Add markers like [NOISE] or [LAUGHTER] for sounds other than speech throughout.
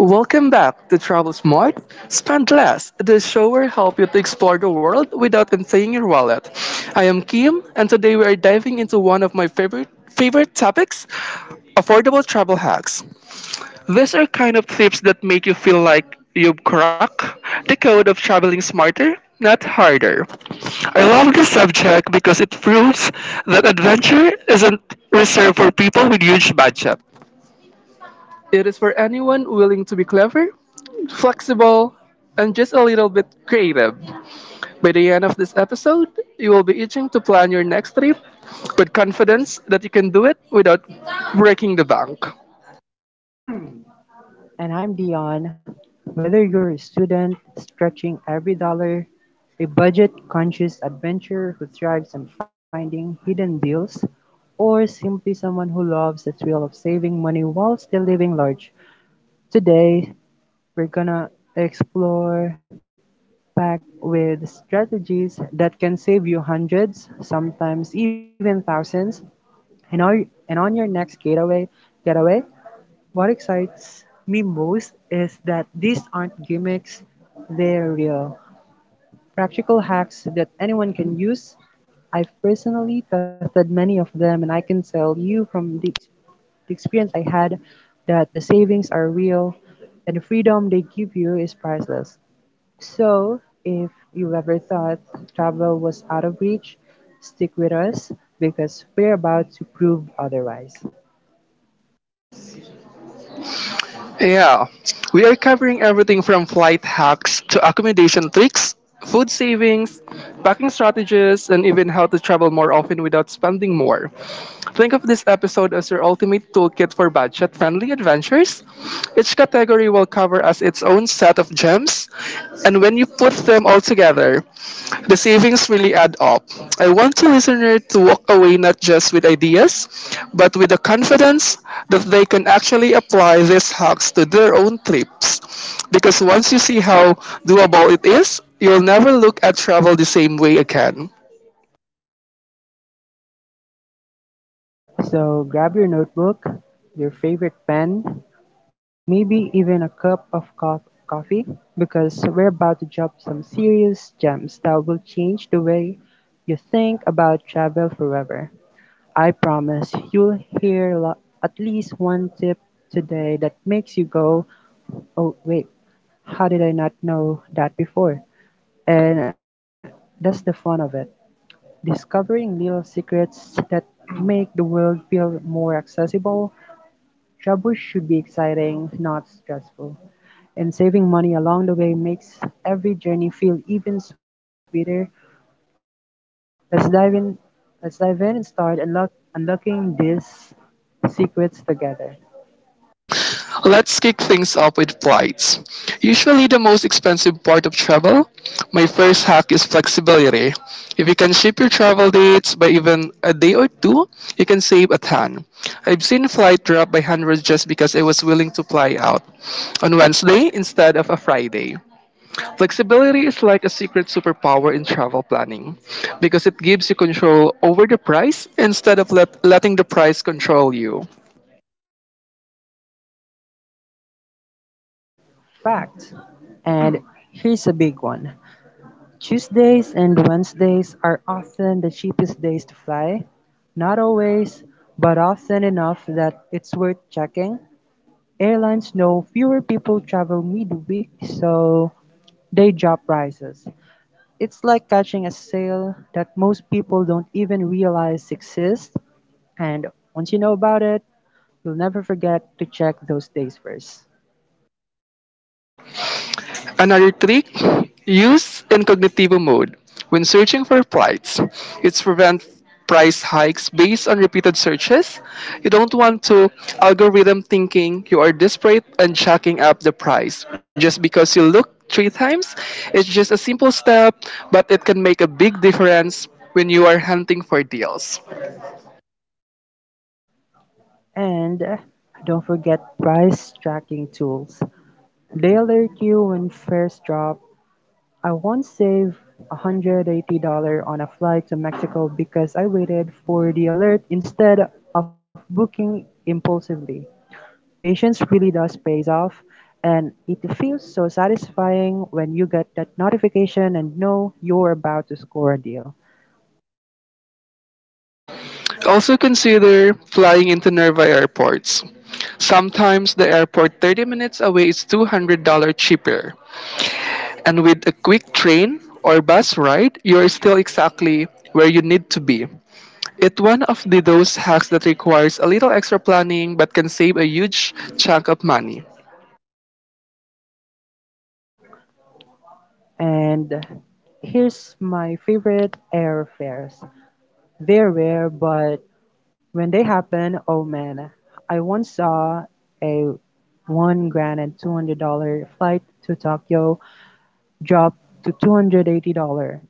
Welcome back to Travel Smart. Spend less, the show will help you to explore the world without emptying your wallet. I am Kim, and today we are diving into one of my favorite topics: affordable travel hacks. These are kind of tips that make you feel like you've cracked the code of traveling smarter, not harder. I love this subject because it proves that adventure isn't reserved for people with huge budget. It is for anyone willing to be clever flexible, and just a little bit creative. By the end of this episode, you will be itching to plan your next trip with confidence that you can do it without breaking the bank. And I'm Dion. Whether you're a student stretching every dollar, a budget conscious adventurer who thrives on finding hidden deals, or simply someone who loves the thrill of saving money while still living large, today we're gonna explore packed with strategies that can save you hundreds, sometimes even thousands, and on, and on your next getaway. What excites me most is that these aren't gimmicks, they're real. Practical hacks that anyone can use. I've personally tested many of them, and I can tell you from the experience I had that the savings are real and the freedom they give you is priceless. So, if you ever thought travel was out of reach, stick with us because we're about to prove otherwise. Yeah, we are covering everything from flight hacks to accommodation tricks, food savings, packing strategies, and even how to travel more often without spending more. Think of this episode as your ultimate toolkit for budget friendly adventures. Each category will cover as its own set of gems, and when you put them all together, the savings really add up. I want the listener to walk away not just with ideas, but with the confidence that they can actually apply these hacks to their own trips. Because once you see how doable it is, you'll never look at travel the same way again. So grab your notebook, your favorite pen, maybe even a cup of coffee, because we're about to drop some serious gems that will change the way you think about travel forever. I promise you'll hear at least one tip today that makes you go, oh, wait, how did I not know that before? And that's the fun of it. Discovering little secrets that make the world feel more accessible, Shabush should be exciting, not stressful, and saving money along the way makes every journey feel even sweeter. Let's dive in. Let's dive in and start unlocking these secrets together. Let's kick things off with flights. Usually the most expensive part of travel. My first hack is flexibility. If you can ship your travel dates by even a day or two, you can save a ton. I've seen flight drop by hundreds just because I was willing to fly out on Wednesday instead of a Friday. Flexibility is like a secret superpower in travel planning because it gives you control over the price instead of letting the price control you. Facts. And here's a big one. Tuesdays and Wednesdays are often the cheapest days to fly. Not always, but often enough that it's worth checking. Airlines know fewer people travel midweek, so Day job prices. It's like catching a sale that most people don't even realize exists, and once you know about it, you'll never forget to check those days first. Another trick used in cognitivo mode when searching for flights is prevent price hikes based on repeated searches. You don't want to algorithm thinking you are desperate and jacking up the price just because you look three times. It's just a simple step, but it can make a big difference when you are hunting for deals. And don't forget price tracking tools. They alert you when fares drop. I once saved $180 on a flight to Mexico because I waited for the alert instead of booking impulsively. Patience really does pays off, and it feels so satisfying when you get that notification and know you're about to score a deal. Also consider flying into nearby airports. Sometimes the airport 30 minutes away is $200 cheaper. And with a quick train or bus ride, you're still exactly where you need to be. It's one of those hacks that requires a little extra planning but can save a huge chunk of money. And here's my favorite airfares. They're rare, but when they happen, oh man, I once saw a one grand and $200 flight to Tokyo drop to $280.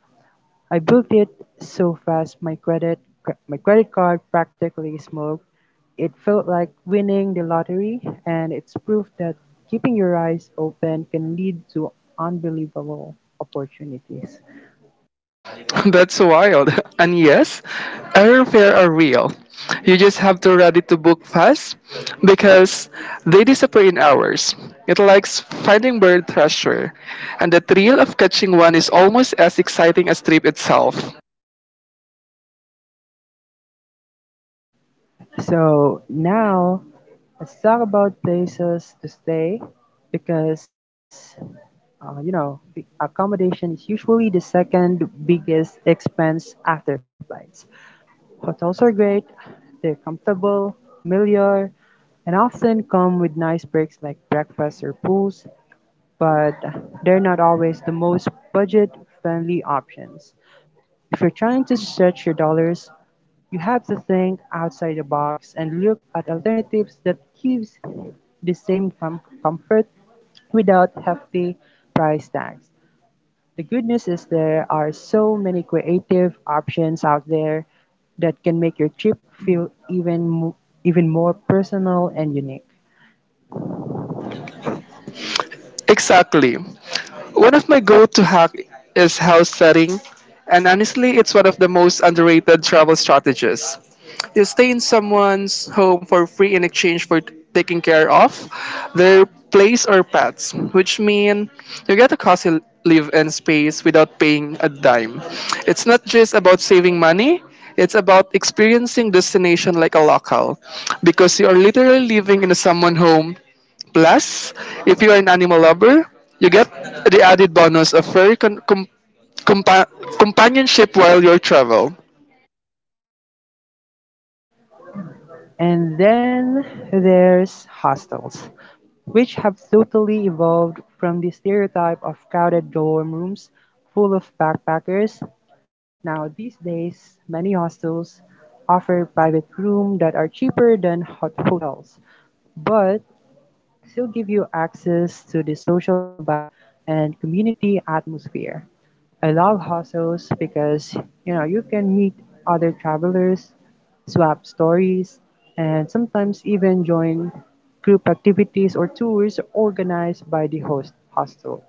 I booked it so fast my credit card practically smoked. It felt like winning the lottery and it's proof that keeping your eyes open can lead to unbelievable opportunities. [LAUGHS] That's wild. [LAUGHS] And yes, airfare are real. You just have to ready to book fast because they disappear in hours. It likes finding bird treasure, and the thrill of catching one is almost as exciting as trip itself. So now let's talk about places to stay because you know the accommodation is usually the second biggest expense after flights. Hotels are great, they're comfortable, familiar, and often come with nice breaks like breakfast or pools, but they're not always the most budget friendly options. If you're trying to stretch your dollars, you have to think outside the box and look at alternatives that gives the same comfort without hefty price tags. The good news is there are so many creative options out there that can make your trip feel even more personal and unique. Exactly. One of my go-to hack is house setting, and honestly, it's one of the most underrated travel strategies. You stay in someone's home for free in exchange for taking care of their place or pets, which mean you get a cozy live-in space without paying a dime. It's not just about saving money, it's about experiencing destination like a local because you are literally living in someone's home. Plus, if you are an animal lover, you get the added bonus of furry compa- companionship while you travel. And then there's hostels, which have totally evolved from the stereotype of crowded dorm rooms full of backpackers. Now these days, many hostels offer private rooms that are cheaper than hotels, but still give you access to the social vibe and community atmosphere. I love hostels because you know you can meet other travelers, swap stories, and sometimes even join group activities or tours organized by the hostel.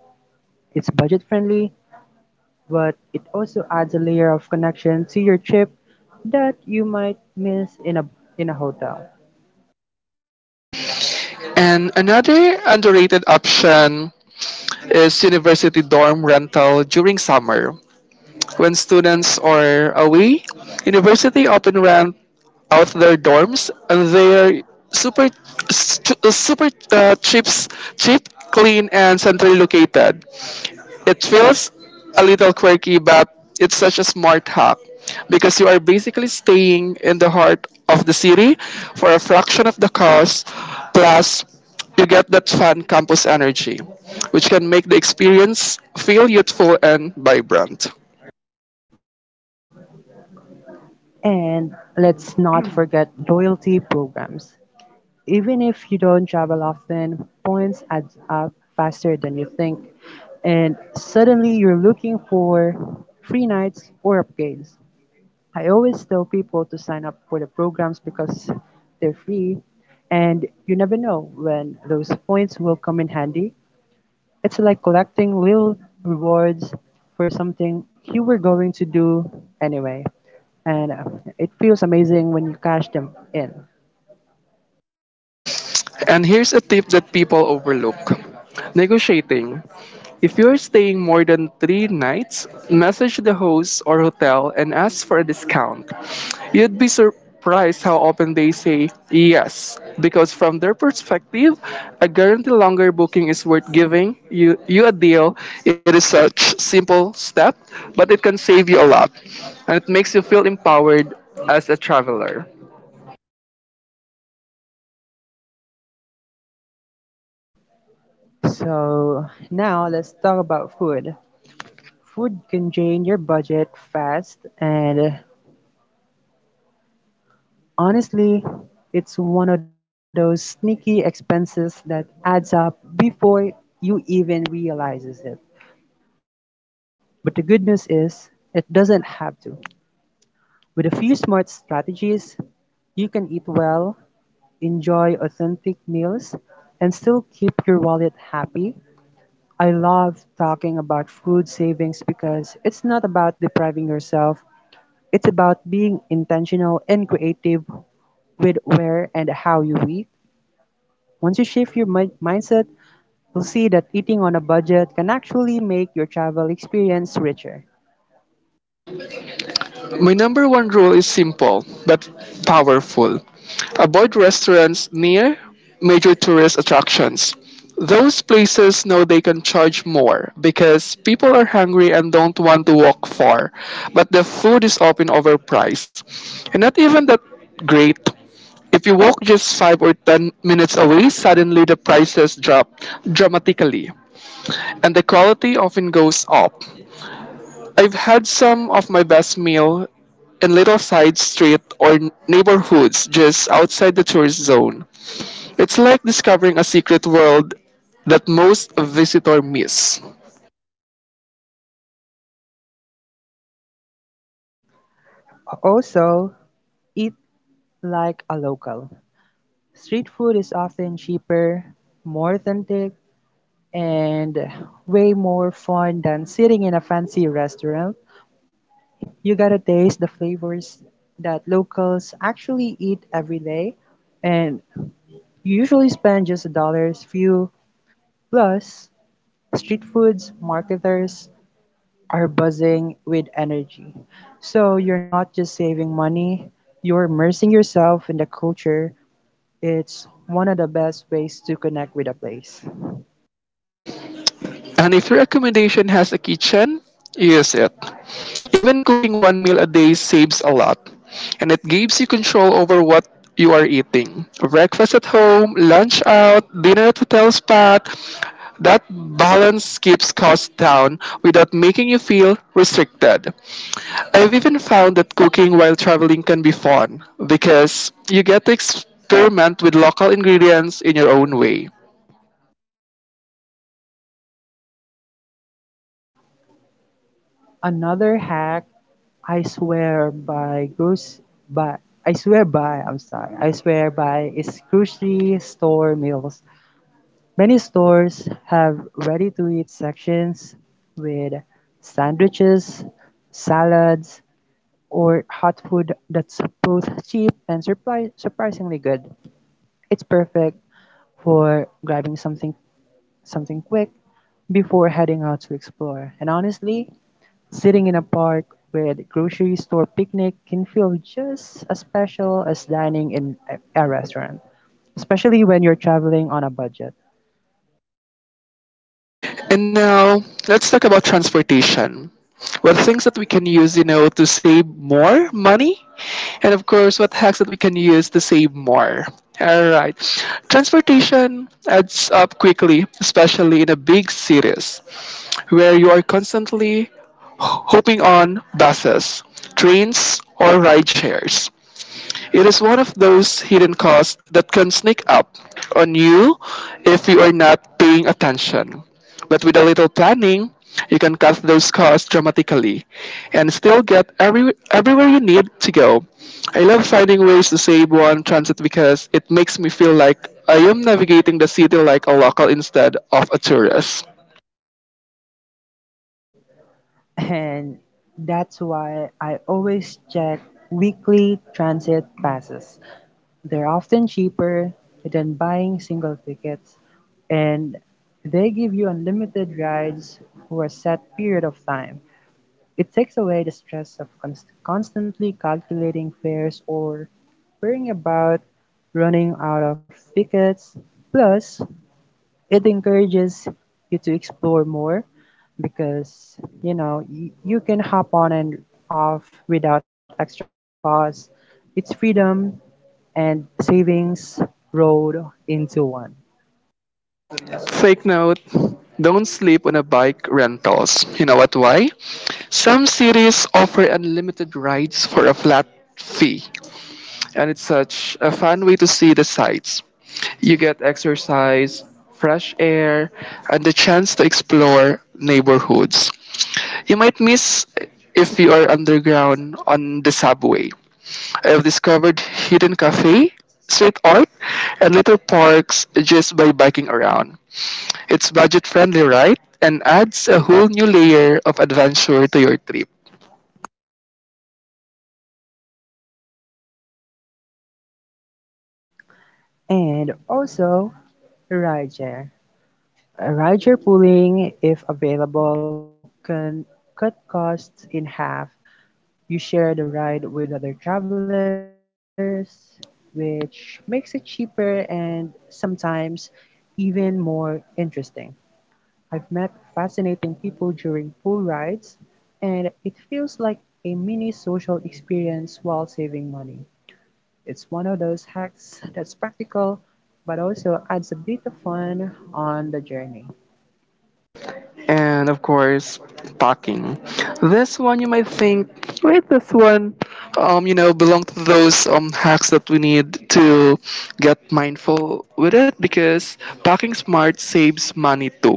It's budget friendly, but it also adds a layer of connection to your trip that you might miss in a hotel. And another underrated option is university dorm rental during summer. When students are away, university often rent out their dorms and they're super s- ch- super chips cheap clean and centrally located. It feels a little quirky, but it's such a smart hack because you are basically staying in the heart of the city for a fraction of the cost. Plus, you get that fun campus energy, which can make the experience feel youthful and vibrant. And let's not forget loyalty programs. Even if you don't travel often, points add up faster than you think, and suddenly you're looking for free nights or upgrades. I always tell people to sign up for the programs because they're free, and you never know when those points will come in handy. It's like collecting little rewards for something you were going to do anyway, and it feels amazing when you cash them in. And here's a tip that people overlook negotiating. If you're staying more than 3 nights, message the host or hotel and ask for a discount. You'd be surprised how often they say yes, because from their perspective, a guaranteed longer booking is worth giving you a deal. It is such simple step, but it can save you a lot, and it makes you feel empowered as a traveler. So now let's talk about food. Food can drain your budget fast, and honestly, it's one of those sneaky expenses that adds up before you even realizes it. But the good news is, it doesn't have to. With a few smart strategies, you can eat well, enjoy authentic meals, and still keep your wallet happy. I love talking about food savings because it's not about depriving yourself. It's about being intentional and creative with where and how you eat. Once you shift your mindset, you'll see that eating on a budget can actually make your travel experience richer. My number one rule is simple but powerful. Avoid restaurants near major tourist attractions. Those places know they can charge more because people are hungry and don't want to walk far, but the food is often overpriced and not even that great. If you walk just 5 or 10 minutes away, suddenly the prices drop dramatically and the quality often goes up. I've had some of my best meal in little side street or neighborhoods just outside the tourist zone. It's like discovering a secret world that most visitor miss. Also, eat like a local. Street food is often cheaper, more authentic, and way more fun than sitting in a fancy restaurant. You gotta taste the flavors that locals actually eat every day and You usually spend just a dollar's few, plus street foods marketers are buzzing with energy. So you're not just saving money, you're immersing yourself in the culture. It's one of the best ways to connect with a place. And if your accommodation has a kitchen, use it. Even cooking one meal a day saves a lot, and it gives you control over what you are eating. Breakfast at home, lunch out, dinner at hotel spot. That balance keeps costs down without making you feel restricted. I've even found that cooking while traveling can be fun because you get to experiment with local ingredients in your own way. Another hack I swear by goose by I'm sorry. I swear by is grocery store meals. Many stores have ready-to-eat sections with sandwiches, salads, or hot food that's both cheap and surprisingly good. It's perfect for grabbing something quick before heading out to explore. And honestly, sitting in a park with grocery store picnic can feel just as special as dining in a restaurant, especially when you're traveling on a budget. And now, let's talk about transportation. What things that we can use, you know, to save more money? And of course, what hacks that we can use to save more? All right. Transportation adds up quickly, especially in a big cities where you are constantly hopping on buses, trains, or ride shares. It is one of those hidden costs that can sneak up on you if you are not paying attention. But with a little planning, you can cut those costs dramatically and still get everywhere you need to go. I love finding ways to save on transit because it makes me feel like I am navigating the city like a local instead of a tourist. And that's why I always check weekly transit passes. They're often cheaper than buying single tickets, and they give you unlimited rides for a set period of time. It takes away the stress of constantly calculating fares or worrying about running out of tickets. Plus, it encourages you to explore more because you know you can hop on and off without extra cost. It's freedom and savings rolled into one. Fake note. Don't sleep on a bike rentals. You know what? Why? Some cities offer unlimited rides for a flat fee, and it's such a fun way to see the sights. You get exercise, fresh air, and the chance to explore neighborhoods. You might miss if you are underground on the subway. I have discovered hidden cafe, street art, and little parks just by biking around. It's budget friendly, right? And adds a whole new layer of adventure to your trip. And also rideshare, a rider pooling if available can cut costs in half. You share the ride with other travelers which makes it cheaper and sometimes even more interesting. I've met fascinating people during pool rides, and it feels like a mini social experience while saving money. It's one of those hacks that's practical but also adds a bit of fun on the journey. And of course, packing. This one you might think, wait, this one, belong to those hacks that we need to get mindful with it because packing smart saves money too.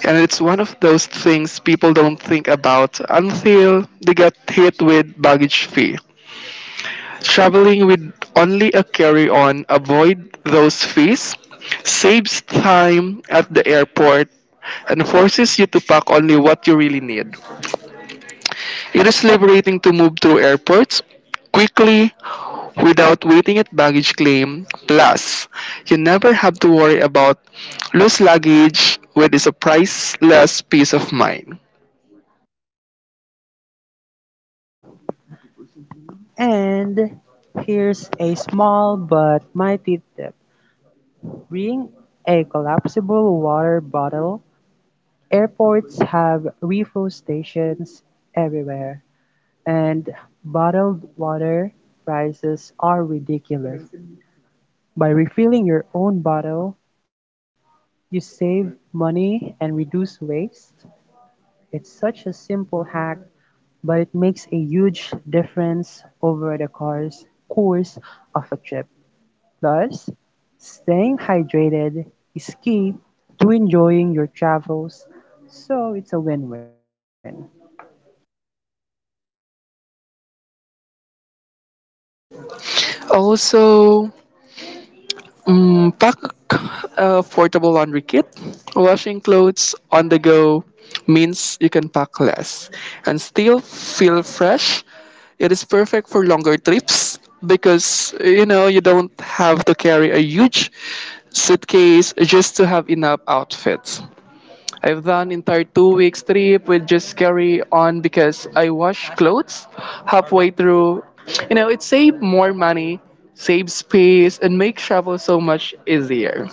And it's one of those things people don't think about until they get hit with baggage fee. Traveling with only a carry-on, avoid those fees, saves time at the airport, and forces you to pack only what you really need. It is liberating to move through airports quickly without waiting at baggage claim. Plus, you never have to worry about loose luggage, which is a priceless peace of mind. And here's a small but mighty tip: bring a collapsible water bottle. Airports have refill stations everywhere, and bottled water prices are ridiculous. By refilling your own bottle, you save money and reduce waste. It's such a simple hack, but it makes a huge difference over the course of a trip. Plus, staying hydrated is key to enjoying your travels, so it's a win win. Also, pack a portable laundry kit. Washing clothes on the go means you can pack less and still feel fresh. It is perfect for longer trips because you know you don't have to carry a huge suitcase just to have enough outfits. I've done entire 2 weeks trip with just carry on because I wash clothes halfway through. You know, it saved more money, save space, and make travel so much easier.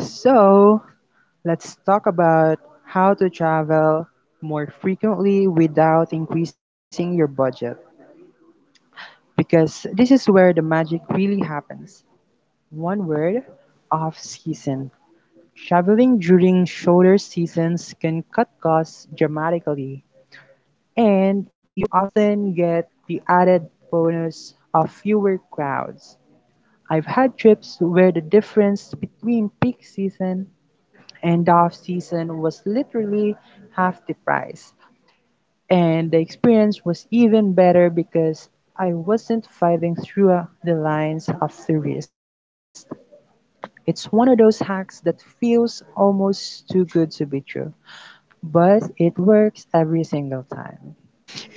So, let's talk about how to travel more frequently without increasing your budget because this is where the magic really happens. One word, off season. Traveling during shoulder seasons can cut costs dramatically, and you often get the added bonus of fewer crowds. I've had trips where the difference between peak season and off season was literally half the price, and the experience was even better because I wasn't fighting through the lines of the wrist. It's one of those hacks that feels almost too good to be true, but it works every single time.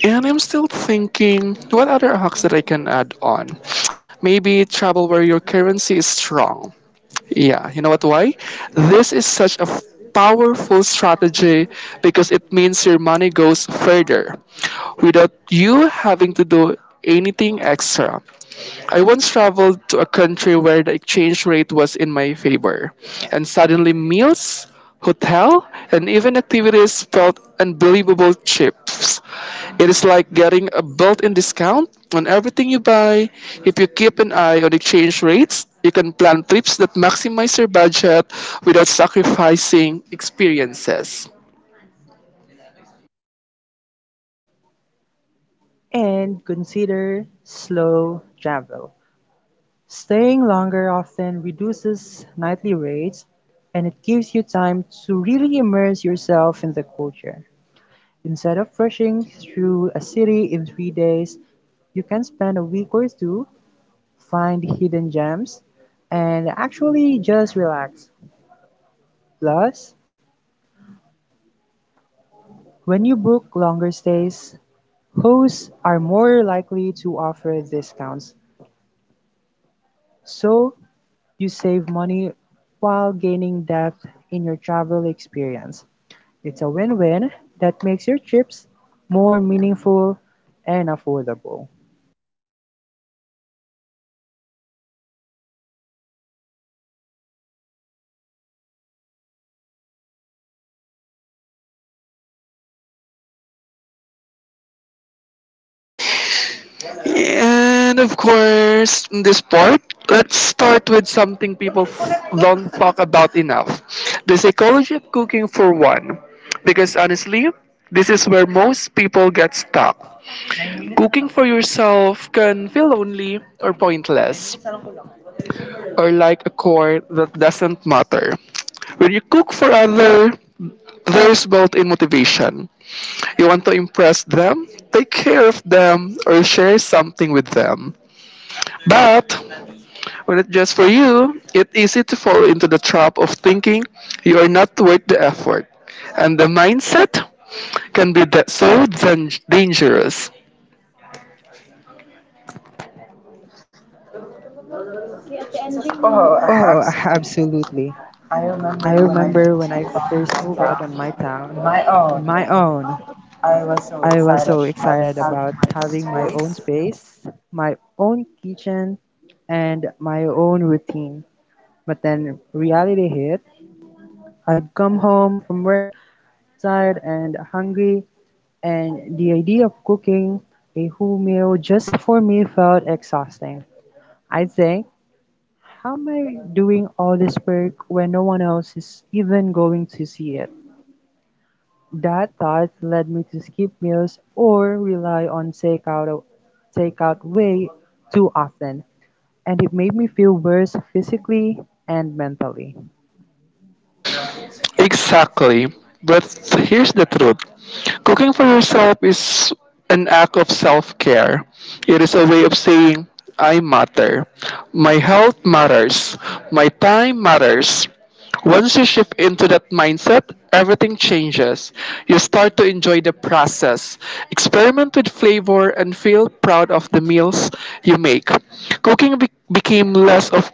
And I'm still thinking, what other hacks that I can add on? Maybe travel where your currency is strong. Yeah, you know what? Why? This is such a powerful strategy because it means your money goes further without you having to do anything extra. I once traveled to a country where the exchange rate was in my favor, and suddenly meals, hotel, and even activities felt unbelievable cheap. It is like getting a built in discount on everything you buy. If you keep an eye on exchange rates, you can plan trips that maximize your budget without sacrificing experiences. And consider slow travel. Staying longer often reduces nightly rates and it gives you time to really immerse yourself in the culture. Instead of rushing through a city in 3 days, you can spend a week or two, find hidden gems, and actually just relax. Plus, when you book longer stays, hosts are more likely to offer discounts, so you save money while gaining depth in your travel experience. It's a win win that makes your trips more meaningful and affordable. And of course, in this part, let's start with something people don't talk about enough the psychology of cooking, for one. Because honestly, this is where most people get stuck. Cooking for yourself can feel lonely or pointless, or like a chore that doesn't matter. When you cook for others, there's built in motivation. You want to impress them, take care of them, or share something with them. But when it's just for you, it's easy to fall into the trap of thinking you are not worth the effort. And the mindset can be that so dangerous. Oh, [LAUGHS] absolutely. I remember when I first moved out on my own. I was so excited about having my own space, my own kitchen, and my own routine. But then reality hit. I'd come home from work tired and hungry, and the idea of cooking a whole meal just for me felt exhausting. I think, how am I doing all this work when no one else is even going to see it? That thought led me to skip meals or rely on takeout way too often, and it made me feel worse physically and mentally. Exactly. But here's the truth cooking for yourself is an act of self care. It is a way of saying, I matter. My health matters. My time matters. Once you shift into that mindset, everything changes. You start to enjoy the process, experiment with flavor, and feel proud of the meals you make. Cooking became less of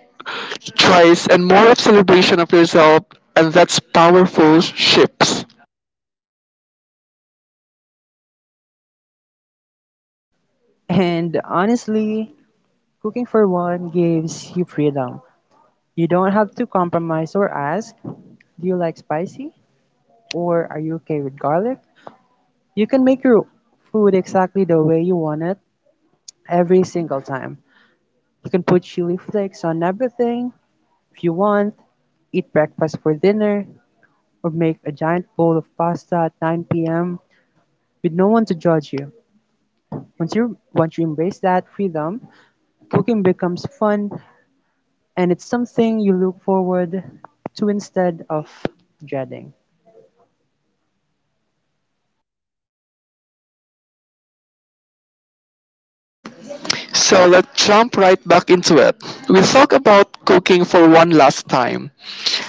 choice and more of celebration of yourself, and that's powerful shifts. And honestly, cooking for one gives you freedom. You don't have to compromise or ask, do you like spicy or are you okay with garlic? You can make your food exactly the way you want it every single time. You can put chili flakes on everything if you want, eat breakfast for dinner, or make a giant bowl of pasta at 9 p.m. with no one to judge you. Once you embrace that freedom, cooking becomes fun and it's something you look forward to instead of dreading. So let's jump right back into it. We talked about cooking for one last time,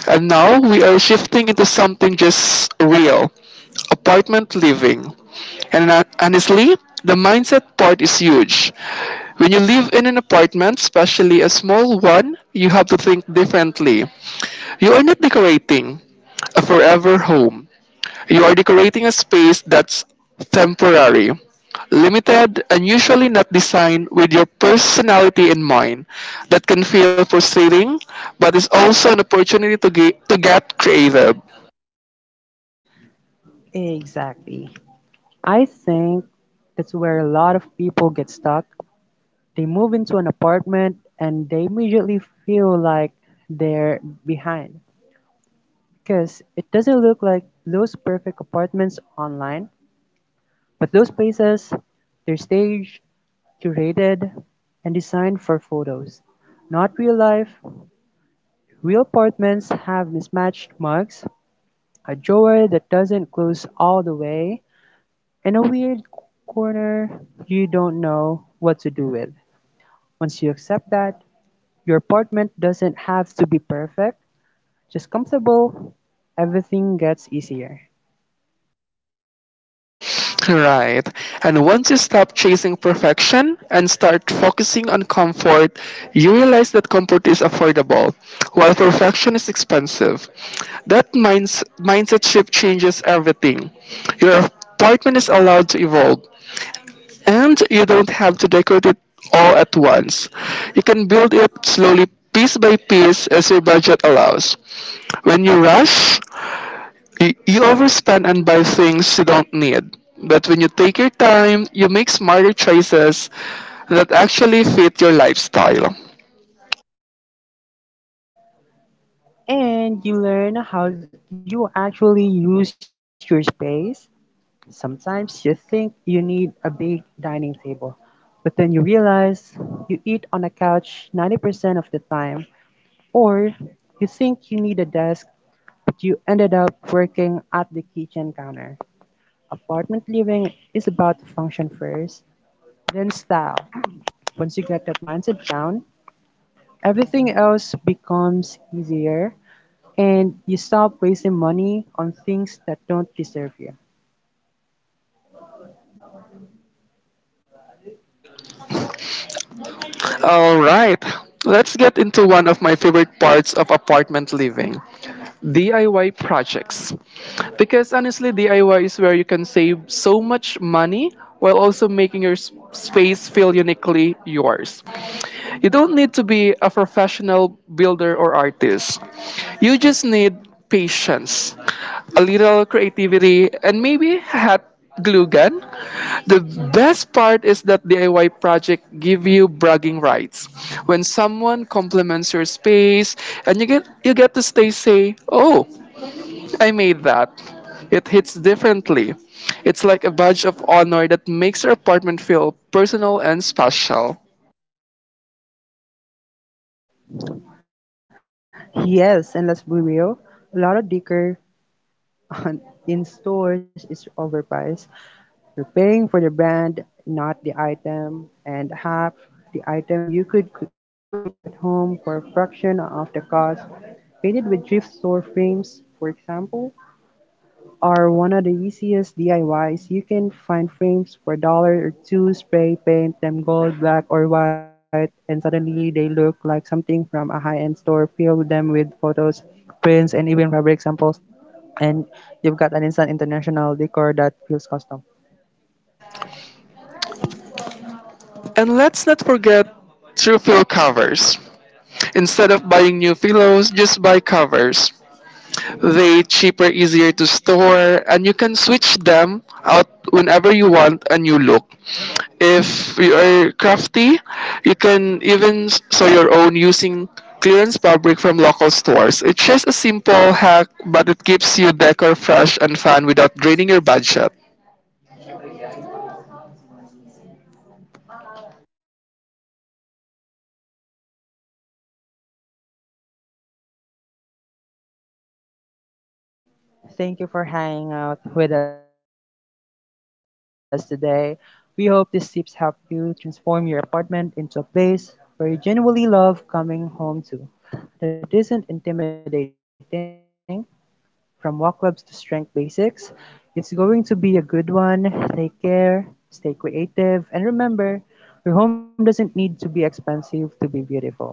and now we are shifting into something just real apartment living. And honestly, the mindset part is huge. When you live in an apartment, especially a small one, you have to think differently. You are not decorating a forever home. You are decorating a space that's temporary, limited, and usually not designed with your personality in mind. That can feel frustrating, but it's also an opportunity to get creative. Exactly. I think that's where a lot of people get stuck. They move into an apartment and they immediately feel like they're behind because it doesn't look like those perfect apartments online, but those places, they're staged, curated and designed for photos, not real life. Real apartments have mismatched mugs, a drawer that doesn't close all the way, and a weird corner you don't know what to do with. Once you accept that, your apartment doesn't have to be perfect, just comfortable, everything gets easier. Right. And once you stop chasing perfection and start focusing on comfort, you realize that comfort is affordable, while perfection is expensive. That mindset shift changes everything. Your apartment is allowed to evolve, and you don't have to decorate it all at once. You can build it slowly, piece by piece, as your budget allows. When you rush, you overspend and buy things you don't need. But when you take your time, you make smarter choices that actually fit your lifestyle. And you learn how you actually use your space. Sometimes you think you need a big dining table, but then you realize you eat on a couch 90% of the time, or you think you need a desk, but you ended up working at the kitchen counter. Apartment living is about function first, then style. Once you get that mindset down, everything else becomes easier and you stop wasting money on things that don't deserve you. All right, let's get into one of my favorite parts of apartment living DIY projects. Because honestly, DIY is where you can save so much money while also making your space feel uniquely yours. You don't need to be a professional builder or artist, you just need patience a little creativity, and maybe hot glue gun. The best part is that DIY project give you bragging rights. When someone compliments your space and you get to stay say, "Oh, I made that." It hits differently. It's like a badge of honor that makes your apartment feel personal and special. Yes, and let's be real, a lot of decor on in stores is overpriced. You're paying for the brand, not the item, and half the item you could recreate it at home for a fraction of the cost. Painted with thrift store frames, for example, are one of the easiest DIYs. You can find frames for dollar or two, spray paint them gold, black, or white, and suddenly they look like something from a high end store. Fill them with photos, prints, and even fabric samples, and you've got an instant international decor that feels custom. And let's not forget True Fill covers. Instead of buying new pillows, just buy covers. They cheaper, easier to store, and you can switch them out whenever you want a new look. If you are crafty, you can even sew your own using clearance fabric from local stores. It's just a simple hack, but it keeps your decor fresh and fun without draining your budget. So, thank you for hanging out with us today. We hope these tips help you transform your apartment into a place where you genuinely love coming home to. See you in the next episode. We're talking about fitness that isn't intimidating, from walk clubs to strength basics. It's going to be a good one. Take care, stay creative, and remember, your home doesn't need to be expensive to be beautiful.